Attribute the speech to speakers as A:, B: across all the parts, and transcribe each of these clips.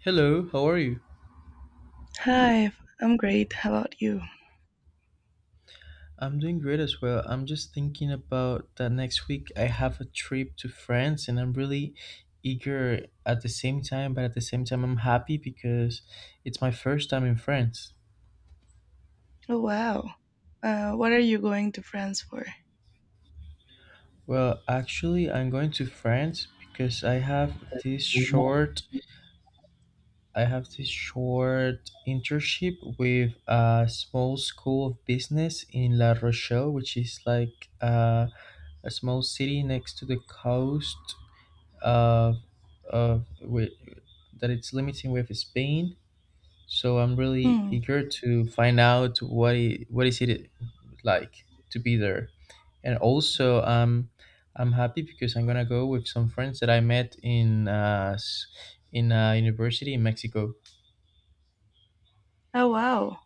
A: Hello, how are you?
B: Hi, I'm great. How about you?
A: I'm doing great as well. I'm just thinking about that next week I have a trip to France and I'm really eager at the same time, but at the same time, I'm happy because it's my first time in France.
B: Oh, wow. What are you going to France for?
A: Well, actually, I'm going to France because this short I have this short internship with a small school of business in La Rochelle, which is like a small city next to the coast uh, uh, wi- that it's limiting with Spain. So I'm really
B: Hmm.
A: eager to find out what is it like to be there, and also I'm happy because I'm gonna go with some friends that I met in in a university in Mexico.
B: Oh, wow.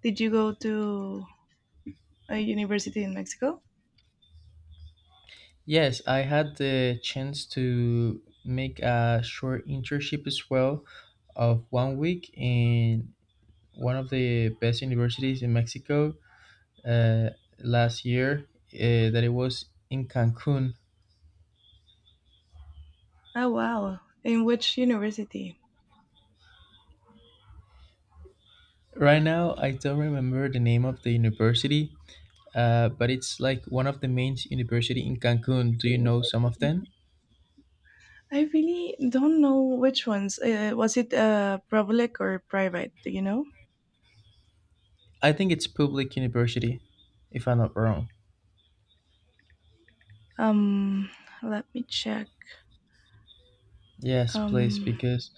B: Did you go to a university in Mexico?
A: Yes, I had the chance to make a short internship as well of 1 week in one of the best universities in Mexico uh, last year that it was in Cancun.
B: Oh, wow. In which university?
A: Right now, I don't remember the name of the university, but it's like one of the main university in Cancun. Do you know some of them?
B: I really don't know which ones. Was it public or private? Do you know?
A: I think it's public university, if I'm not wrong.
B: Um, Let me check.
A: Yes, please,
B: Um,
A: because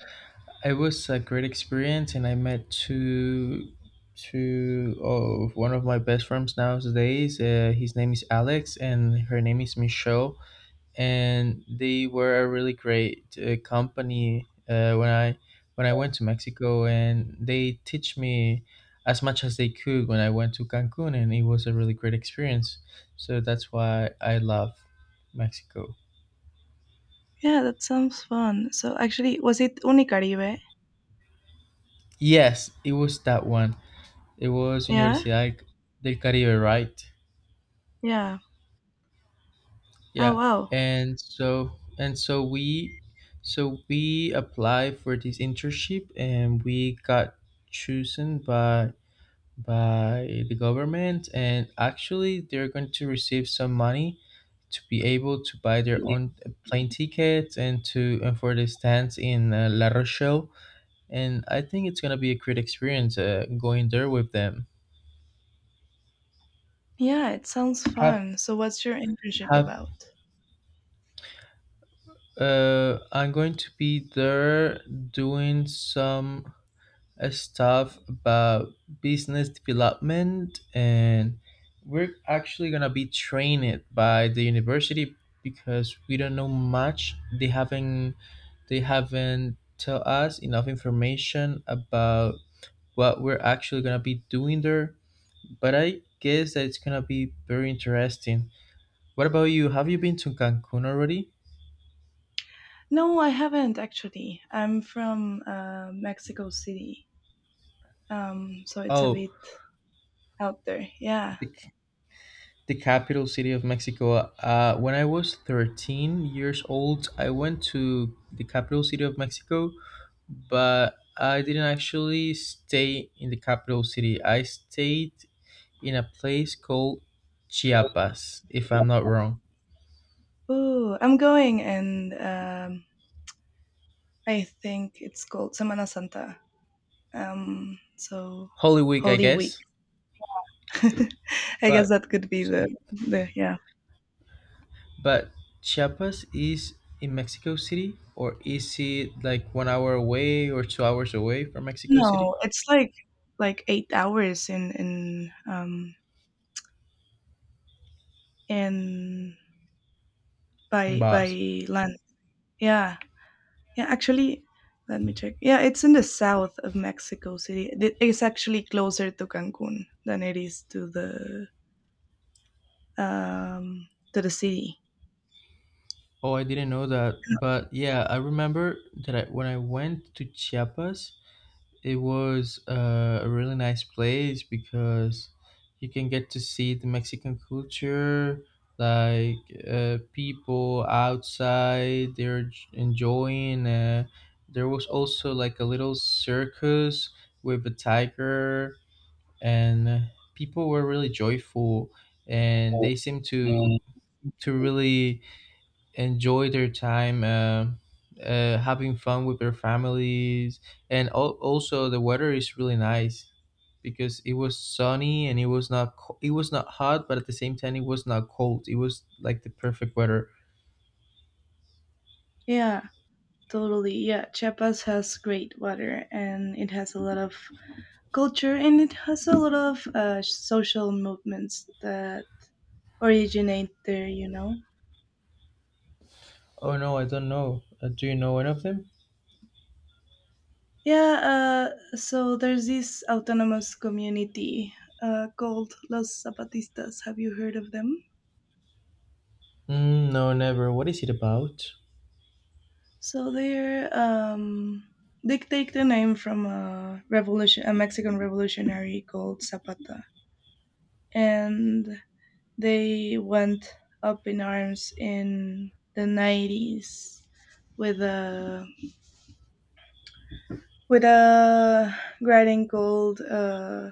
A: it was a great experience, and I met two, two of one of my best friends nowadays. His name is Alex, and her name is Michelle. And they were a really great company when I went to Mexico, and they teach me as much as they could when I went to Cancun, and it was a really great experience. So that's why I love Mexico.
B: yeah, that sounds fun. So actually, was it Unicaribe?
A: Yes, it was that one. It was
B: Yeah,
A: Universidad del Caribe, right?
B: yeah. Oh
A: Yeah,
B: wow.
A: and so we applied for this internship, and we got chosen by the government, and actually they're going to receive some money to be able to buy their own plane tickets and for the stands in La Rochelle, and I think it's gonna be a great experience going there with them.
B: Yeah, it sounds
A: Have
B: fun. So, what's your internship
A: have
B: about?
A: I'm going to be there doing some stuff about business development, and we're actually going to be trained by the university because we don't know much. They haven't tell us enough information about what we're actually going to be doing there, but I guess that it's going to be very interesting. What about you, have you been to Cancun already?
B: No, I haven't actually. I'm from Mexico City, so it's a
A: Oh,
B: bit out there. Yeah.
A: the capital city of Mexico. When I was 13 years old, I went to the capital city of Mexico, but I didn't actually stay in the capital city. I stayed in a place called Chiapas, if
B: Yeah.
A: I'm not wrong.
B: Ooh, I'm going, and I think it's called Semana Santa. Um, so,
A: Holy Week, I
B: Holy Week.
A: guess.
B: I guess
A: But
B: that could be the yeah.
A: but Chiapas is in Mexico City, or is it like 1 hour away or 2 hours away from Mexico City?
B: No, it's like 8 hours in in
A: In
B: by
A: Baja.
B: by land. Yeah. Yeah, actually, let me check. Yeah, it's in the south of Mexico City. It's actually closer to Cancun than it is to the city.
A: Oh, I didn't know that. But yeah, I remember when I went to Chiapas, it was a really nice place because you can get to see the Mexican culture, like people outside, enjoying. There was also like a little circus with a tiger, and people were really joyful and they seemed
B: Okay.
A: to really enjoy their time having fun with their families, and also the weather is really nice because it was sunny, and it was not co- it was not hot, but at the same time it was not cold. It was like the perfect weather.
B: Yeah, totally. Yeah, Chiapas has great water and it has a lot of culture and it has a lot of social movements that originate there, you know?
A: Oh no, I don't know. Do you know one of them?
B: Yeah, so there's this autonomous community called Los Zapatistas. Have you heard of them?
A: Mm, no, never. What is it about?
B: So they're they take the name from a revolution, a Mexican revolutionary called Zapata, and they went up in arms in the 90s with a with a writing called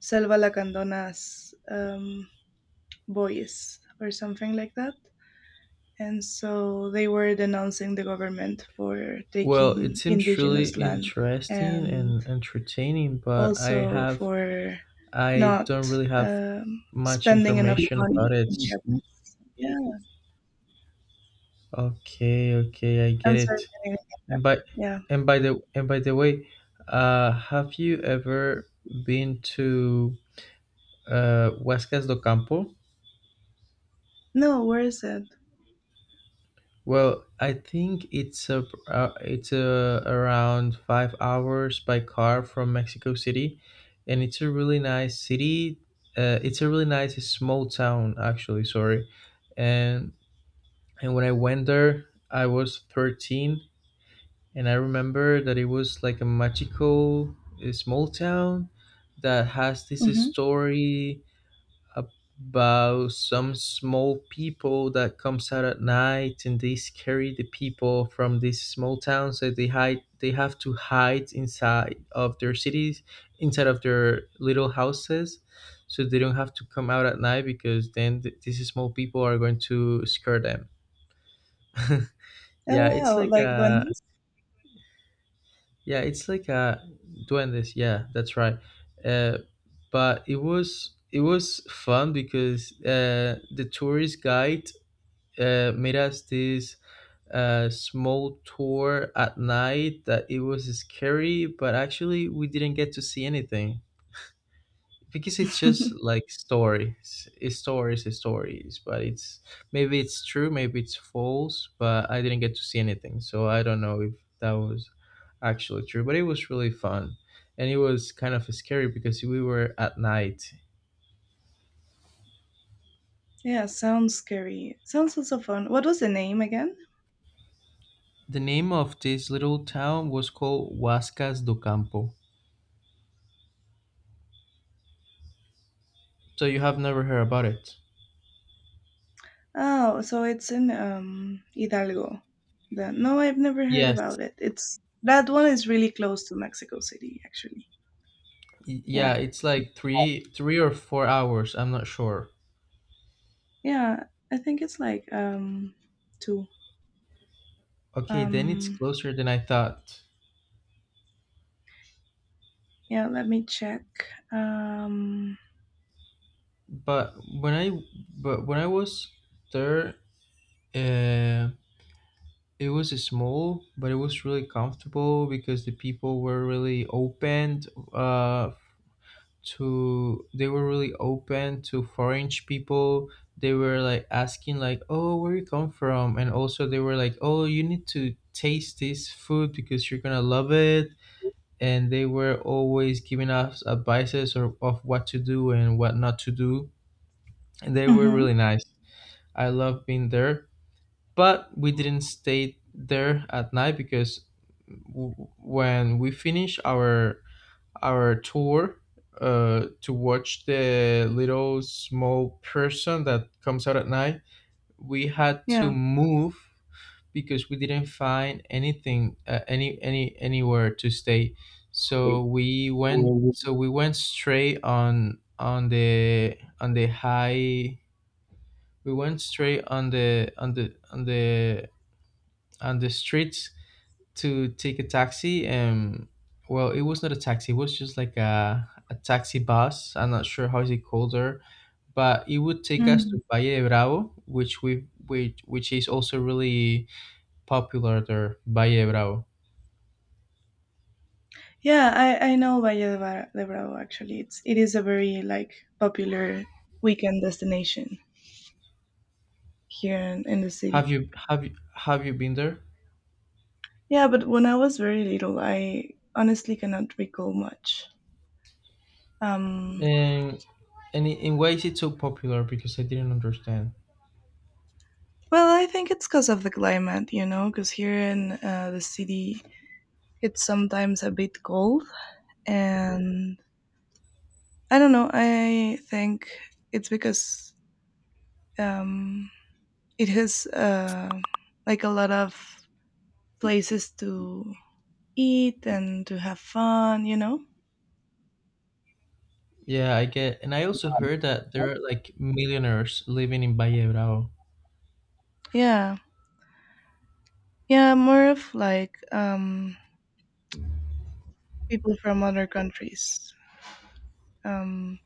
B: Selva la Candona's voice or something like that. And so they were denouncing the government for
A: Well, it
B: taking
A: seems really
B: indigenous land
A: interesting
B: and
A: and entertaining, but I
B: also
A: have
B: for
A: I
B: not
A: don't really have much
B: spending enough
A: information
B: money
A: about
B: in Mhm.
A: it.
B: Japan. Yeah,
A: Okay, okay, I get
B: I'm sorry.
A: it.
B: Kenny.
A: And by
B: Yeah.
A: and by the way, have you ever been to Huascas do Campo?
B: No, where is it?
A: Well, I think it's a, around 5 hours by car from Mexico City, and it's a really nice city. It's a really nice small town, actually. Sorry, and and when I went there, I was 13, and I remember that it was like a magical small town that has this
B: Mm-hmm.
A: story about some small people that comes out at night, and they scare the people from this small town, so they have to hide inside of their cities, inside of their little houses, so they don't have to come out at night, because then these small people are going to scare them. Yeah,
B: Oh
A: it's
B: wow,
A: like
B: like the
A: a—
B: one.
A: yeah, it's like doing this. Yeah, that's right. Uh, but it was fun because the tourist guide made us this small tour at night that it was scary, but actually we didn't get to see anything because it's just like stories. It's stories it's stories But it's maybe it's true, maybe it's false, but I didn't get to see anything, so I don't know if that was actually true, but it was really fun, and it was kind of scary because we were at night.
B: Yeah, sounds scary. Sounds also fun. What was the name again?
A: The name of this little town was called Huascas do Campo. So you have never heard about it?
B: Oh, so it's in Hidalgo. Then no, I've never heard about
A: Yes.
B: it. It's that one is really close to Mexico City, actually.
A: Yeah,
B: Yeah.
A: it's like 3 or 4 hours, I'm not sure.
B: Yeah, I think it's like two.
A: Okay, then it's
B: Um
A: closer than I thought.
B: yeah, let me check. Um
A: But when I but when I was there, uh, it was small, but it was really comfortable because the people were really open, uh, to they were really open to foreign people. They were like asking like, "Oh, where you come from?" And also they were like, "Oh, you need to taste this food because you're gonna love it." And they were always giving us advices or of what to do and what not to do. And they were
B: mhm,
A: really nice. I love being there. But we didn't stay there at night because when we finished our tour to watch the little small person that comes out at night, we had to
B: yeah.
A: move because we didn't find anything, anywhere to stay.
B: Um,
A: So we went straight on the high we went straight on the streets to take a taxi, and well, it was not a taxi, it was just like a taxi bus, I'm not sure how is it called there, but it would take us
B: Mm.
A: to Valle de Bravo, which which is also really popular there, Valle de Bravo.
B: Yeah, I know Valle de, de Bravo actually. It is a very like popular weekend destination here in the city.
A: Have you been there?
B: Yeah, but when I was very little, I honestly cannot recall much. Um,
A: And and in why is it so popular, because I didn't understand?
B: well, I think it's because of the climate, you know, because here in the city, it's sometimes a bit cold and I don't know. I think it's because um, it has like a lot of places to eat and to have fun. You know?
A: Yeah, I get. And I also heard that there are like millionaires living in Valle Bravo.
B: Yeah, yeah. More of like people from other countries. Um,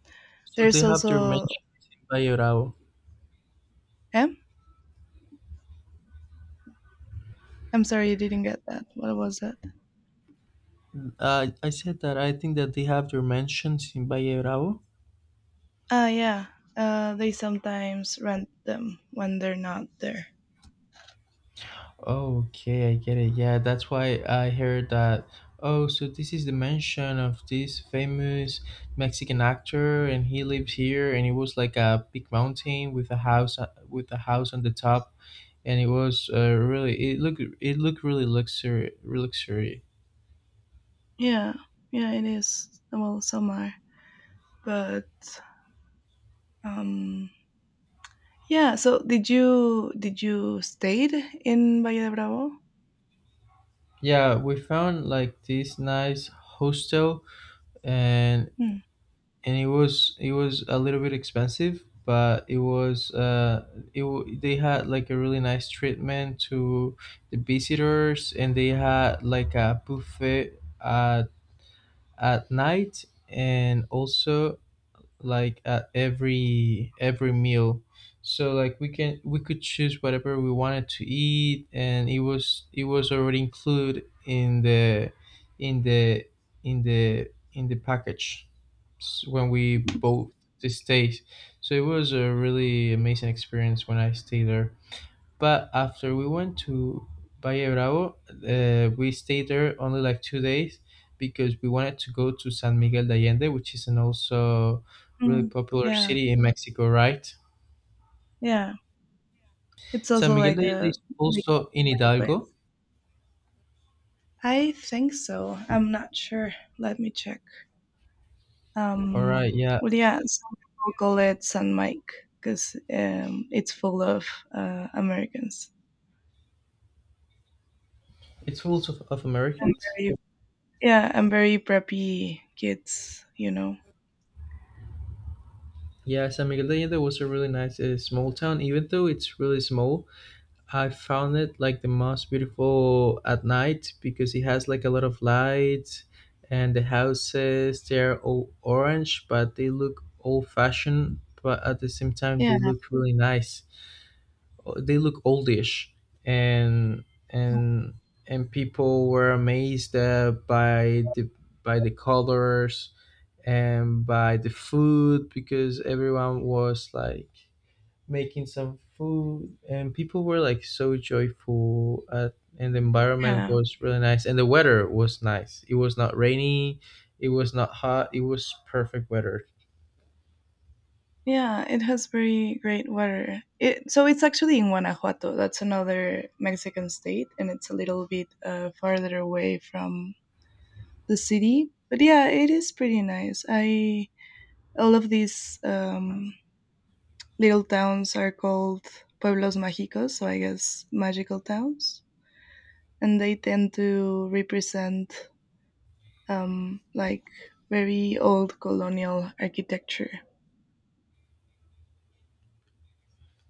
A: So they
B: there's
A: have their
B: also.
A: mansions in Valle Bravo.
B: Eh? I'm sorry, you didn't get that. What was that?
A: I said that I think that they have their mansions in Valle Bravo.
B: Ah, yeah. They sometimes rent them when they're not there.
A: Oh, okay, I get it. Yeah, that's why I heard that. Oh, so this is the mansion of this famous Mexican actor, and he lived here, and it was like a big mountain with a house on the top, and it was really it looked really luxury, luxury.
B: Yeah, yeah. It is. Well, some are. But um, yeah. So did you stayed in Valle de Bravo?
A: Yeah, we found like this nice hostel, and
B: Mm.
A: it was a little bit expensive, but it was they had like a really nice treatment to the visitors, and they had like a buffet at night, and also like at every meal, so like we could choose whatever we wanted to eat, and it was already included in the in the in the package when we bought the stay. So it was a really amazing experience when I stayed there. But after we went to Valle Bravo, we stayed there only like 2 days because we wanted to go to San Miguel de Allende, which is an also really
B: Mm.
A: popular
B: Yeah,
A: city in Mexico, right?
B: yeah. It's
A: San
B: also
A: Miguel
B: like
A: de Allende
B: a
A: is
B: big
A: also in Hidalgo.
B: place. I think so. I'm not sure. Let me check.
A: All
B: Um,
A: right, yeah.
B: well, yeah, some people call it San Mike because it's full of Americans
A: It's full of
B: and
A: Americans.
B: very yeah and very preppy kids. You know.
A: Yeah, San Miguel de Allende was a really nice small town, even though it's really small. I found it like the most beautiful at night because it has like a lot of lights, and the houses, they're all orange, but they look old fashioned, but at the same time
B: Yeah,
A: they look really nice. They look oldish and and and people were amazed by the colors and by the food, because everyone was like making some food and people were like so joyful, and the environment
B: yeah.
A: was really nice, and the weather was nice. It was not rainy, it was not hot, it was perfect weather.
B: Yeah, it has very great water. It so it's actually in Guanajuato. That's another Mexican state, and it's a little bit farther away from the city. But yeah, it is pretty nice. I all of these little towns are called pueblos mágicos, so I guess magical towns, and they tend to represent like very old colonial architecture.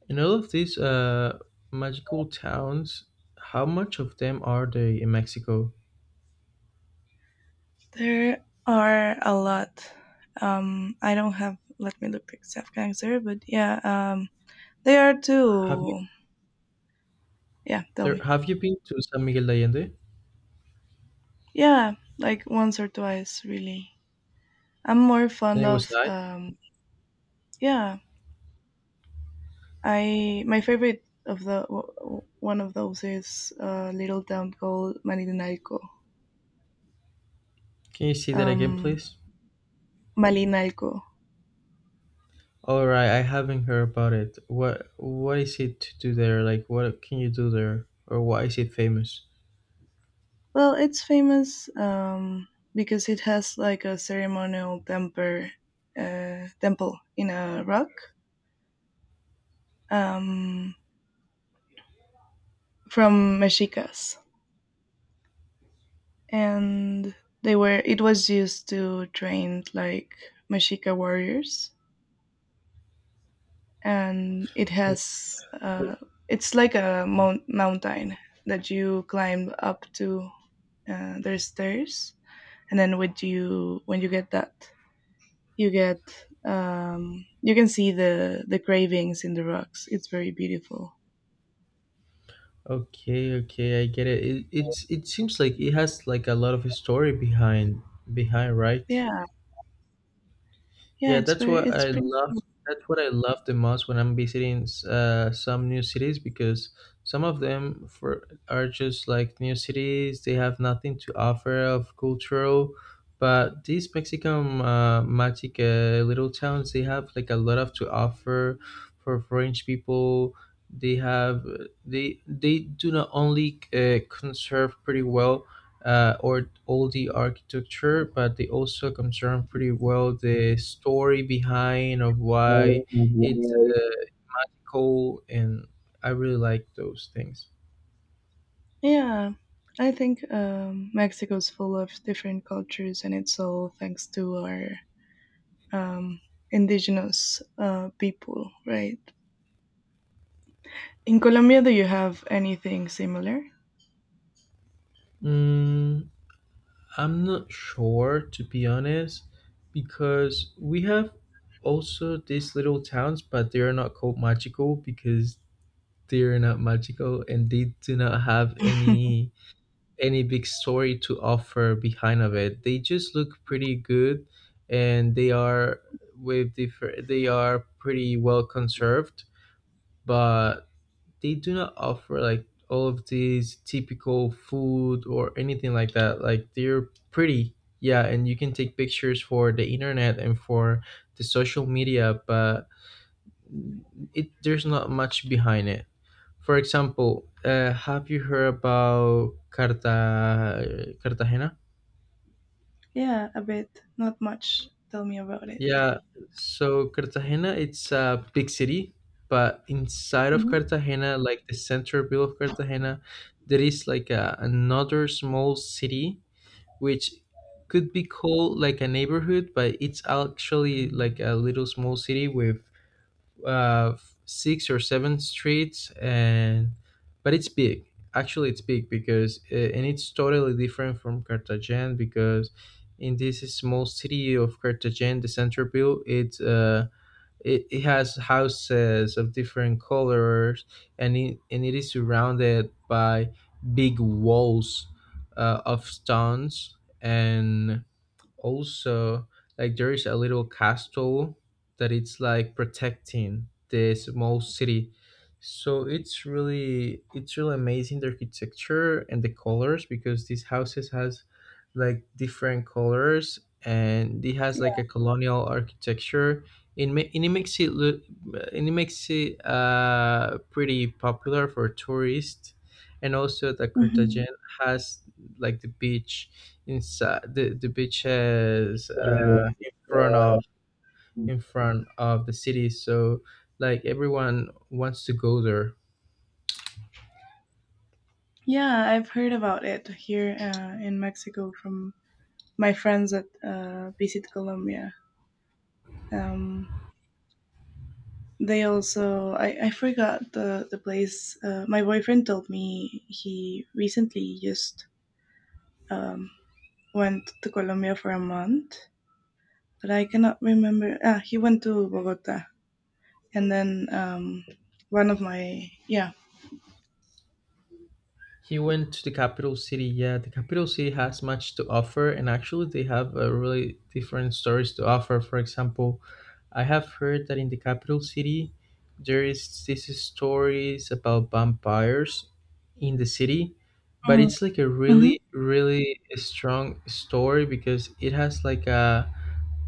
A: And all of these magical towns, how much of them are they in Mexico?
B: There are a lot. I don't have. Let me look except cancer, but yeah, they are
A: have you
B: too. Yeah, tell
A: there
B: me.
A: have you been to San Miguel de Allende?
B: Yeah, like once or twice, really. I'm more
A: And
B: fond
A: it was
B: of.
A: nice?
B: Yeah, I my favorite of the one of those is a little town called Malinalco.
A: Can you see that again,
B: Um,
A: please?
B: Malinalco.
A: All right, I haven't heard about it. What is it to do there, like, what can you do there, or why is it famous?
B: Well, it's famous because it has like a ceremonial temper, temple in a rock um, from mexicas, and they were. It was used to train like mexica warriors, and it has. Uh, it's like a mountain that you climb up to. There's stairs, and then when you get that you get you can see the cravings in the rocks. It's very beautiful.
A: Okay, okay, I get it. It seems like it has like a lot of story behind, right?
B: Yeah, yeah,
A: Yeah,
B: it's
A: that's
B: very
A: what
B: it's
A: I
B: pretty.
A: love. That's what I love the most when I'm visiting some new cities, because some of them for are just like new cities. They have nothing to offer of cultural, but these Mexican magic little towns, they have like a lot of to offer for French people. They have they do not only conserve pretty well or all the architecture, but they also concern pretty well the story behind of why it's cool, and I really like those things.
B: Yeah, I think Mexico's full of different cultures, and it's all thanks to our um, indigenous people, right? In Colombia, do you have anything similar?
A: Mm, I'm not sure, to be honest, because we have also these little towns, but they are not called magical because they are not magical, and they do not have any big story to offer behind of it. They just look pretty good, and they are with different. They are pretty well conserved, but they do not offer like all of these typical food or anything like that. Like they're pretty, yeah, and you can take pictures for the internet and for the social media, but it there's not much behind it. For example, have you heard about Cartagena?
B: Yeah, a bit. Not much. Tell me about it.
A: Yeah, so Cartagena, it's a big city, but inside of
B: Mhm.
A: Cartagena, like the centerville of Cartagena, there is like another small city which could be called like a neighborhood, but it's actually like a little small city with uh, six or seven streets, and but it's big. Actually, it's big because and it's totally different from Cartagena because in this small city of Cartagena, the Centerville, it has houses of different colors, and it is surrounded by big walls of stones, and also like there is a little castle that it's like protecting this small city. So it's really amazing, the architecture and the colors, because these houses has like different colors and it has like a
B: Yeah.
A: colonial architecture. It ma- and it makes it look and it makes it pretty popular for tourists. And also the Cartagena has like the beach inside. The beach has
B: Mhm.
A: in front of the city, so like everyone wants to go there.
B: Yeah, I've heard about it here in Mexico from my friends at Visit Colombia. Um, they also, I forgot the place. My boyfriend told me he recently just um, went to Colombia for a month, but I cannot remember. Ah, he went to Bogota. And then one of my, yeah.
A: He went to the capital city. Yeah, the capital city has much to offer, and actually, they have really different stories to offer. For example, I have heard that in the capital city, there is these stories about vampires in the city, but
B: Mm,
A: it's like a
B: hmm
A: really, really strong story because it has like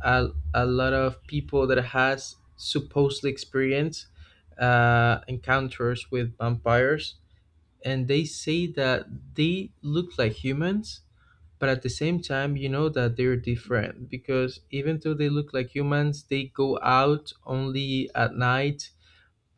A: a, a lot of people that has supposedly experienced encounters with vampires, and they say that they look like humans, but at the same time you know that they're different, because even though they look like humans they go out only at night,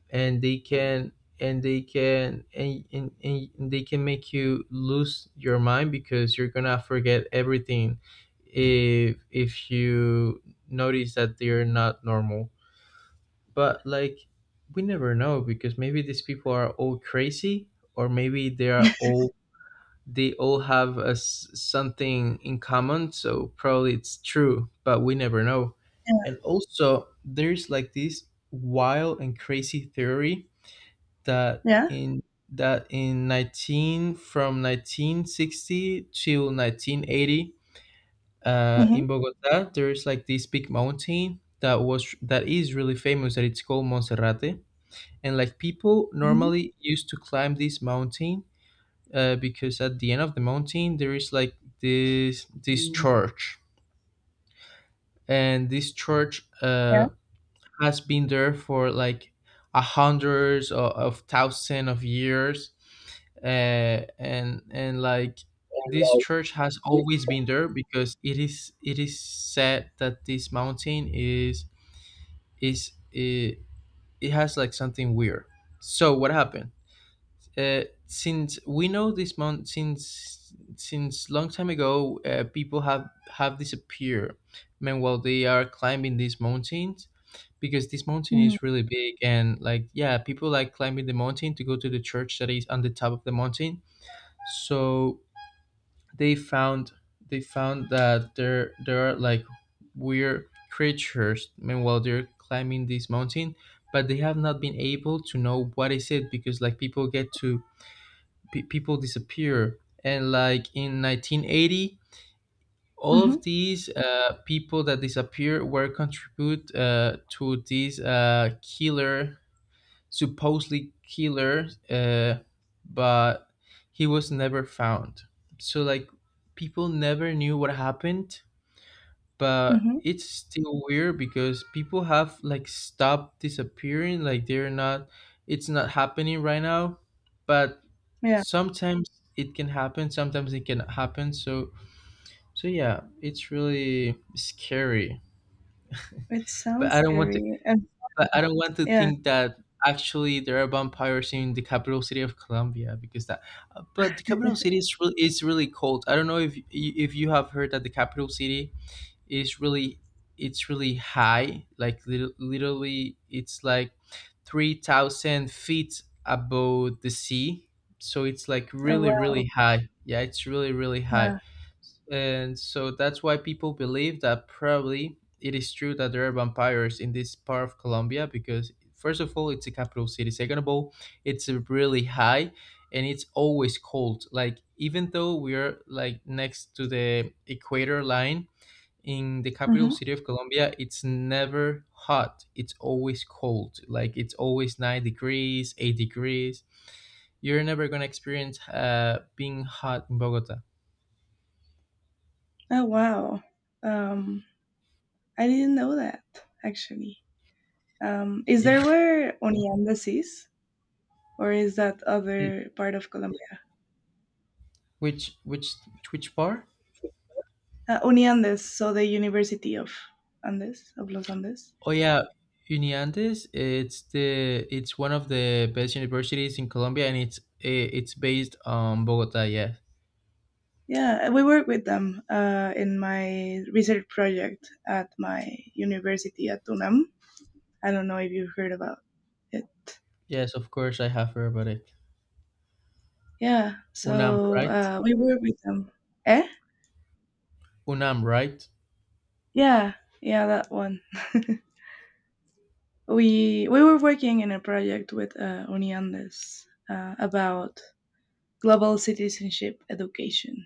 A: and and they can make you lose your mind because you're gonna forget everything if you notice that they're not normal. But like we never know, because maybe these people are all crazy, or maybe they all have a s something in common, so probably it's true, but we never know.
B: yeah.
A: And also there's like this wild and crazy theory that
B: Yeah.
A: in that in 19 from 1960 till 1980,
B: Mm-hmm,
A: in Bogota there's like this big mountain that is really famous, that it's called Monserrate. And like people
B: mm-hmm,
A: normally used to climb this mountain, because at the end of the mountain there is like this church, and this church
B: yeah.
A: has been there for like a hundreds of thousands of years, uh, and like this
B: Like
A: church has always been there because it is said that this mountain is it, it has like something weird. So what happened? uh, since we know this month since long time ago, people have disappeared meanwhile they are climbing these mountains, because this mountain
B: Mm-hmm,
A: is really big, and like yeah, people like climbing the mountain to go to the church that is on the top of the mountain. So they found they found that there are like weird creatures meanwhile they're climbing this mountain, but they have not been able to know what is it, because like people get to pe people disappear. And like in 1980, all
B: mm-hmm,
A: of these people that disappeared were contribute to this killer, supposedly killer, but he was never found. So like people never knew what happened, but
B: mm-hmm,
A: it's still weird because people have like stopped disappearing. Like they're not, it's not happening right now. But
B: yeah.
A: sometimes it can happen sometimes it can happen, so yeah, it's really scary.
B: It
A: But
B: sounds
A: I don't want to
B: scary. And
A: but I don't want to
B: yeah.
A: think that actually there are vampires in the capital city of Colombia, because that but the capital city is really cold. I don't know if if you have heard that the capital city is really it's really high, like literally it's like 3,000 feet above the sea, so it's like
B: Oh
A: really,
B: wow.
A: really high. Yeah, it's really, really high.
B: Yeah.
A: And so that's why people believe that probably it is true that there are vampires in this part of Colombia, because first of all it's a capital city, second of all it's a really high, and it's always cold, like even though we're like next to the equator line, in the capital
B: hmm
A: city of Colombia, it's never hot. It's always cold. Like it's always 9 degrees, 8 degrees. You're never gonna experience being hot in Bogota.
B: Oh wow. Um, I didn't know that actually. Is there
A: Yeah.
B: where Uniandes is, or is that
A: It-
B: other part of Colombia?
A: Which which which part?
B: Uniandes, so the University of Andes of Los Andes.
A: Oh yeah, Uniandes. It's one of the best universities in Colombia, and it's based on Bogota. Yeah.
B: Yeah, we work with them in my research project at my university at UNAM. I don't know if you've heard about it.
A: Yes, of course I have heard about it.
B: Yeah,
A: UNAM,
B: so
A: right?
B: we work with them. Eh?
A: UNAM, right?
B: Yeah, yeah, that one. We were working in a project with Uniandes about global citizenship education,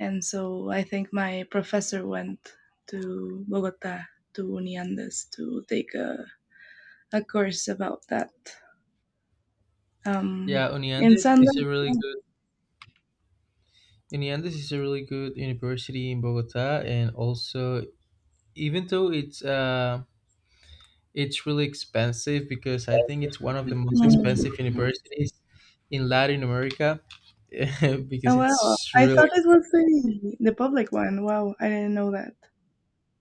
B: and so I think my professor went to Bogota to Uniandes to take a course about that. Um,
A: Yeah,
B: in
A: Uniandes is
B: Sundance.
A: a really good. In the end, this is a really good university in Bogota, and also even though it's really expensive, because I think it's one of the most expensive
B: Hmm.
A: universities in Latin America.
B: Oh
A: because
B: wow!
A: it's
B: I
A: really
B: thought it
A: ex-
B: was the public one. Wow, I didn't know that.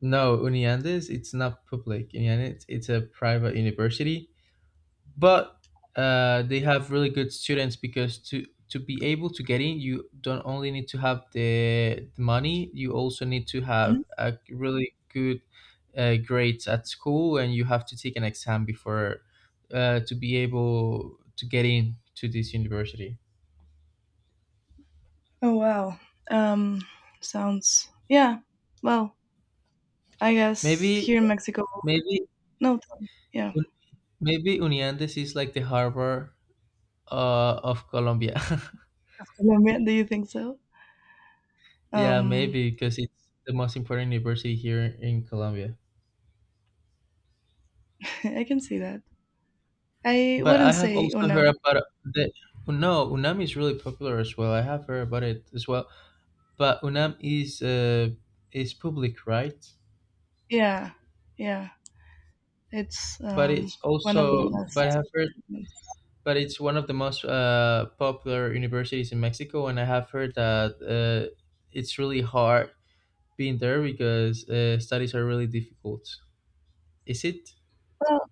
A: No, Uniandes. It's not public. Uniandes. It's a private university, but they have really good students, because to be able to get in you don't only need to have the money, you also need to have a really good grades at school, and you have to take an exam before to be able to get in to this university.
B: Oh wow. Um Sounds yeah. Well, I guess here
A: maybe
B: in Mexico
A: maybe
B: no tell me. Yeah.
A: maybe Uniandes is like the Harvard of Colombia.
B: Colombia, do you think so?
A: Yeah,
B: Um
A: maybe because it's the most important university here in Colombia.
B: I can see that. I
A: But
B: wouldn't
A: I have
B: say
A: also
B: UNAM.
A: heard about the No, Unam is really popular as well. I have heard about it as well. But Unam is public, right?
B: Yeah. Yeah. It's
A: But it's
B: one of the
A: also but I have heard
B: best
A: but it's one of the most popular universities in Mexico, and I have heard that it's really hard being there because studies are really difficult. Is it
B: well,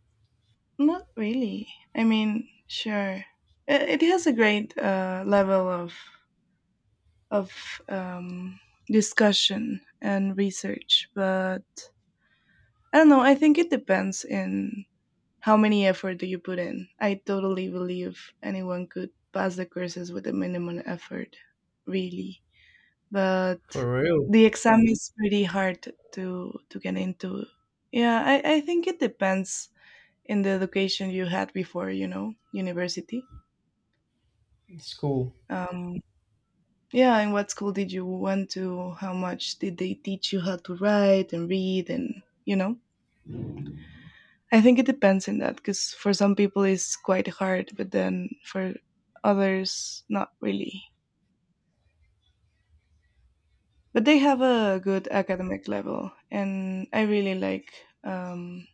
B: not really. I mean, sure. It has a great level of of um, discussion and research, but I don't know. I think it depends in how many effort do you put in? I totally believe anyone could pass the courses with a minimum effort, really. But
A: for real?
B: the exam is pretty hard to get into. Yeah, I think it depends in the education you had before, you know, university.
A: School.
B: Um, yeah, and what school did you went to? How much did they teach you how to write and read and you know? I think it depends in that because for some people it's quite hard, but then for others, not really. But they have a good academic level, and I really like. Um,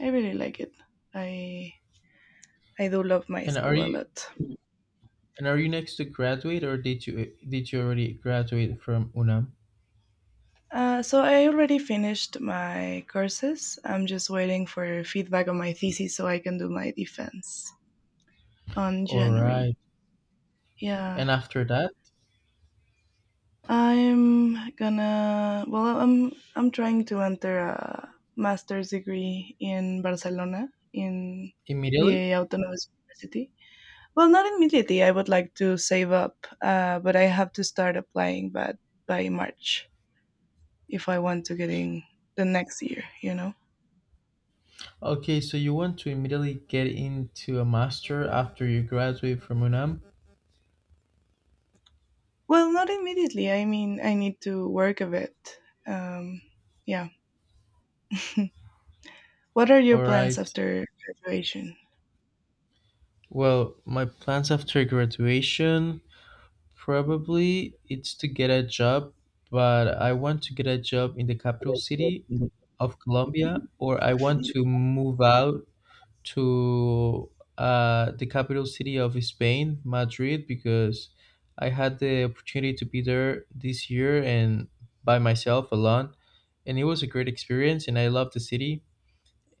B: I really like it. I I do love my
A: And are
B: school a
A: you
B: lot.
A: and are you next to graduate, or did you already graduate from UNAM?
B: So I already finished my courses. I'm just waiting for feedback on my thesis so I can do my defense on
A: All
B: January.
A: right.
B: Yeah.
A: And after that,
B: I'm gonna. Well, I'm trying to enter a master's degree in Barcelona in
A: immediately?
B: the Autonomous University. Well, not immediately. I would like to save up, but I have to start applying. But by March, if I want to get in the next year, you know.
A: Okay, so you want to immediately get into a master after you graduate from UNAM?
B: Well, not immediately. I mean, I need to work a bit. Um, yeah. What are your
A: All
B: plans
A: right.
B: after graduation?
A: Well, my plans after graduation probably it's to get a job, but I want to get a job in the capital city of Colombia, or I want to move out to the capital city of Spain, Madrid, because I had the opportunity to be there this year and by myself alone. And it was a great experience, and I loved the city.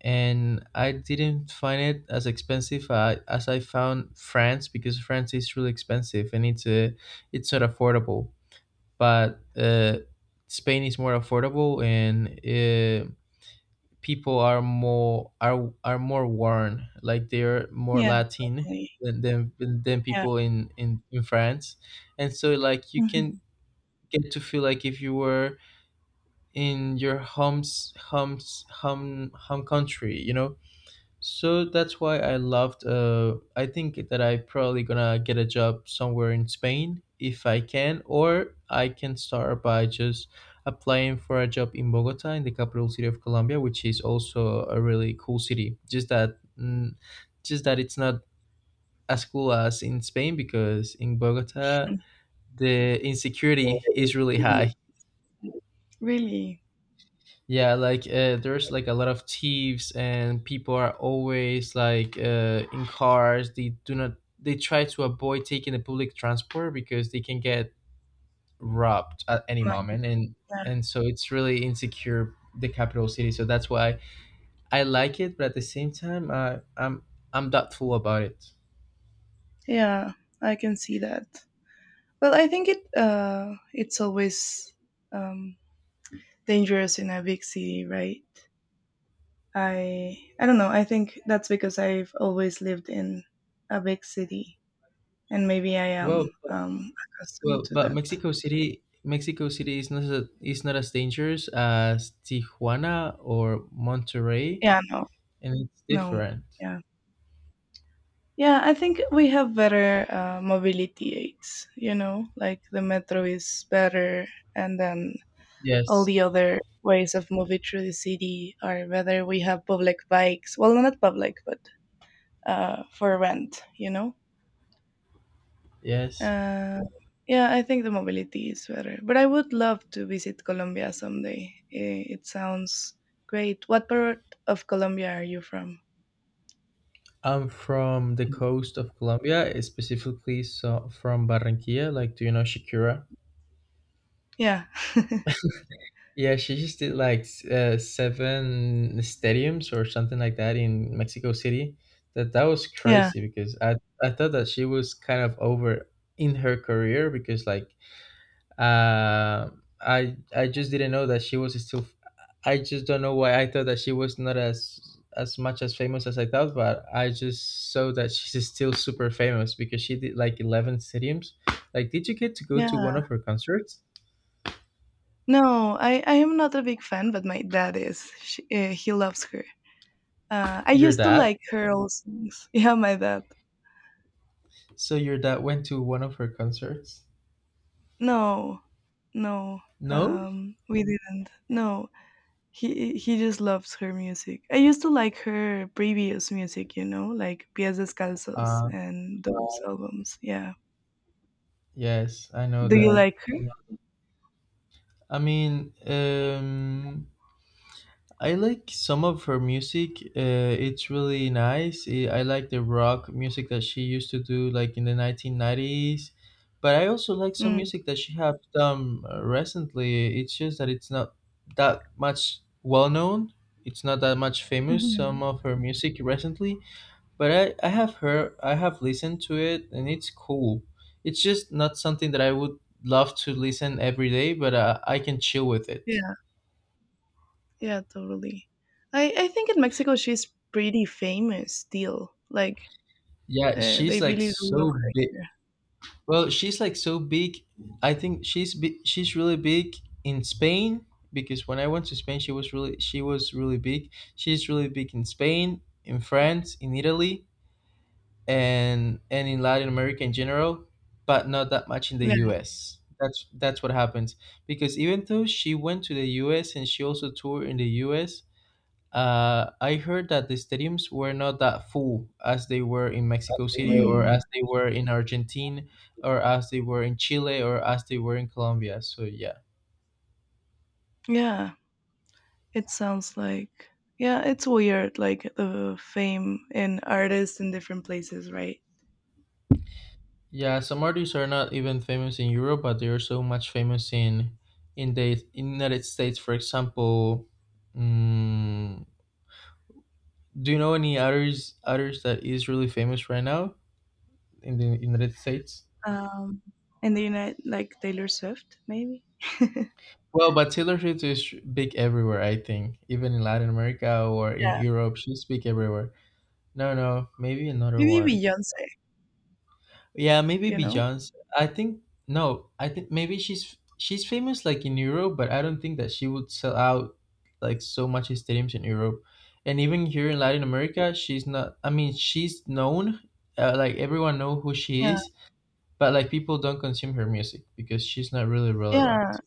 A: And I didn't find it as expensive as I found France, because France is really expensive, and it's not affordable. But Spain is more affordable, and people are more worn, like they're more
B: Yeah,
A: Latin
B: definitely.
A: than than
B: Yeah.
A: people in France. And so like you can
B: Mhm.
A: get to feel like if you were in your home country, so that's why I loved. I think that I probably gonna get a job somewhere in Spain if I can, or I can start by just applying for a job in Bogota, in the capital city of Colombia, which is also a really cool city. Just that it's not as cool as in Spain, because in Bogota the insecurity is really high.
B: Really?
A: Yeah, like there's like a lot of thieves, and people are always like in cars. They do not they try to avoid taking the public transport because they can get robbed at any
B: My
A: moment, and
B: God.
A: and so it's really insecure the capital city. So that's why I like it, but at the same time I'm doubtful about it.
B: Yeah, I can see that. Well, I think it it's always um dangerous in a big city, right? I don't know. I think that's because I've always lived in a big city and maybe I
A: Well,
B: am
A: but-
B: accustomed
A: well,
B: to
A: but
B: that.
A: Mexico City is not as dangerous as Tijuana or Monterrey,
B: Yeah, no.
A: and it's
B: No.
A: different.
B: Yeah. Yeah, I think we have better mobility aids, you know, like the metro is better and then all
A: Yes,
B: the other ways of moving through the city or whether we have public bikes well no, not public but for rent you know
A: yes.
B: uh, yeah I think the mobility is better but I would love to visit colombia someday Eh, it sounds great what part of colombia are you from
A: I'm from the coast of Colombia, specifically so from Barranquilla. Like, do you know Shakira?
B: yeah
A: Yeah, she just did like seven stadiums or something like that in Mexico City. That was
B: yeah
A: crazy because I thought that she was kind of over in her career because Uh, I just didn't know that she was still. I just don't know why I thought that she was not as as much as famous as I thought, but I just saw that she's still super famous because she did like 11 stadiums. Like, did you get to go to one
B: yeah
A: of her concerts?
B: no i am not a big fan but my dad is she, he loves her I
A: Your
B: used to
A: dad?
B: like her old songs yeah my dad
A: So your dad went to one of her concerts?
B: No, no,
A: No?
B: we didn't. No, he just loves her music. I used to like her previous music, you know, like Pies Descalzos
A: Uh,
B: and those albums. Yeah.
A: yes, I know
B: Do you
A: that.
B: like her?
A: I mean, I like some of her music. It's really nice. I like the rock music that she used to do, like in the 1990s. But I also like some
B: Mm.
A: music that she has done recently. It's just that it's not that much well known. It's not that much famous.
B: hmm
A: Some of her music recently, but I have heard, I have listened to it, and it's cool. It's just not something that I would love to listen every day, but I can chill with it.
B: Yeah, yeah, totally. I think in Mexico she's pretty famous still. Like
A: Yeah, she's
B: they
A: like
B: really do love
A: so
B: her here.
A: well, she's like so big. I think she's really big in Spain because when I went to Spain, she was really big. She's really big in Spain, in France, in Italy, and in Latin America in general, but not that much in the
B: Yeah.
A: U.S. That's what happens because even though she went to the U.S. and she also toured in the U.S. I heard that the stadiums were not that full as they were in Mexico City, or
B: Mm.
A: as they were in Argentina, or as they were in Chile, or as they were in Colombia. So yeah,
B: Yeah. It sounds like yeah, it's weird, like the fame and artists in different places, right?
A: yeah. Some artists are not even famous in Europe, but they are so much famous in the United States. For example, mm, do you know any others that is really famous right now in the United States?
B: Um, in the United, like Taylor Swift, maybe.
A: Well, but Taylor Swift is big everywhere, I think. Even in Latin America or in
B: Yeah,
A: Europe, she's big everywhere. No, no, maybe another
B: maybe
A: one.
B: Beyonce.
A: Yeah, maybe
B: You know?
A: Beyonce. I think no, I think maybe she's famous like in Europe, but I don't think that she would sell out like so much stadiums in Europe. And even here in Latin America, she's not I mean, she's known like everyone know who she
B: Yeah,
A: is, but like people don't consume her music because she's not really
B: yeah.
A: relevant.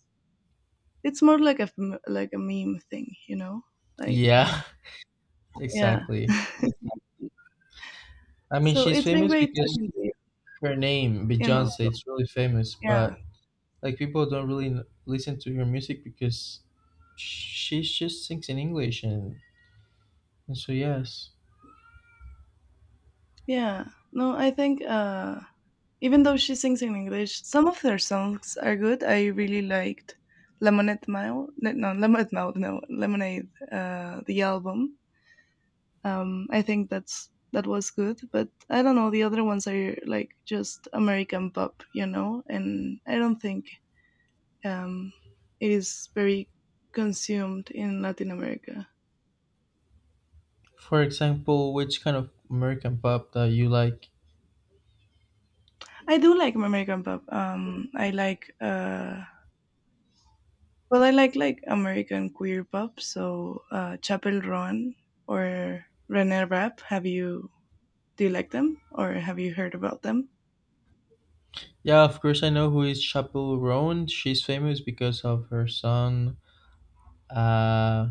B: It's more like like a meme thing, you know? Like
A: Yeah,
B: yeah.
A: exactly. I mean,
B: So
A: she's
B: it's been
A: famous
B: great
A: because
B: talking to you.
A: her name,
B: You know?
A: Beyonce, it's really famous,
B: Yeah,
A: but like people don't really listen to her music because she just sings in English, and so yes.
B: yeah. No, I think Even though she sings in English, some of their songs are good. I really liked Lemonade Mile. No, Lemonade. The album. I think that's that was good. But I don't know. The other ones are like just American pop, you know. And I don't think um, it is very consumed in Latin America.
A: For example, which kind of American pop that you like?
B: I do like American pop. I like. Well, I like American queer pop, so Chapel Roan or René Rapp. Have you do you like them or have you heard about them?
A: Yeah, of course I know who is Chappell Roan. She's famous because of her song, uh,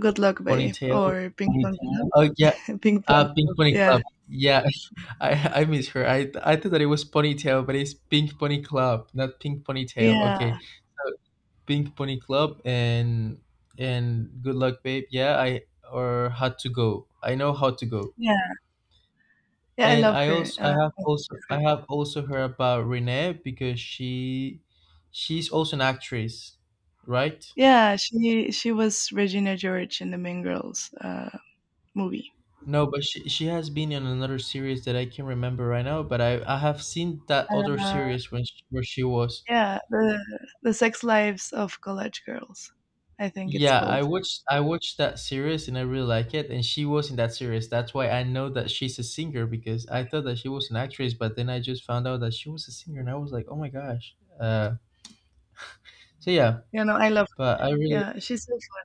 B: Good Luck Babe
A: Ponytail.
B: or Pink Good luck.
A: Oh yeah,
B: Panther. Pink
A: Pink
B: Panther.
A: Pony
B: Yeah,
A: Club. Yeah, I miss her. I thought that it was ponytail, but it's Pink Pony Club, not Pink Ponytail.
B: yeah,
A: Okay, so Pink Pony Club and Good Luck Babe. Yeah, I or How to Go. I know How to Go.
B: yeah, yeah. I
A: And
B: love
A: I
B: her.
A: also I have also I have also heard about Renee because she's also an actress, right?
B: Yeah, she was Regina George in the Mean Girls movie.
A: No, but she has been in another series that I can remember right now. But I have seen that other
B: Uh,
A: series where she was.
B: yeah, the sex lives of college girls. I think it's
A: Yeah, I
B: called.
A: watched I watched that series and I really like it. And she was in that series. That's why I know that she's a singer because I thought that she was an actress, but then I just found out that she was a singer, and I was like, oh my gosh. So yeah,
B: You know, I love.
A: but I really
B: Yeah, she's so fun.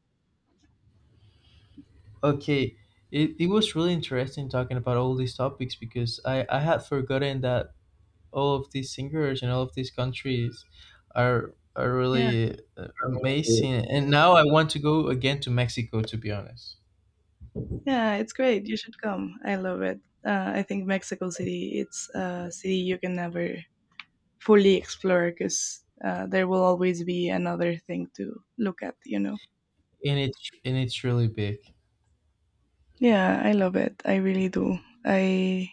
A: okay. It was really interesting talking about all these topics because I had forgotten that all of these singers and all of these countries are really
B: Yeah.
A: amazing. And now I want to go again to Mexico, to be honest.
B: Yeah, it's great. You should come. I love it. I think Mexico City, it's a city you can never fully explore because there will always be another thing to look at, you know.
A: And it's really big.
B: Yeah, I love it. I really do. I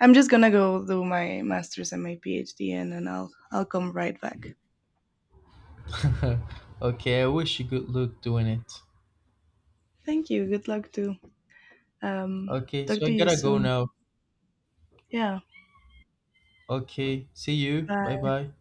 B: I'm just gonna go do my master's and my PhD, and then I'll come right back.
A: okay, I wish you good luck doing it.
B: Thank you. Good luck too. Um,
A: Okay,
B: talk
A: so
B: to
A: I
B: you
A: gotta go
B: soon.
A: now.
B: Yeah.
A: Okay, see you. Bye
B: Bye.
A: bye.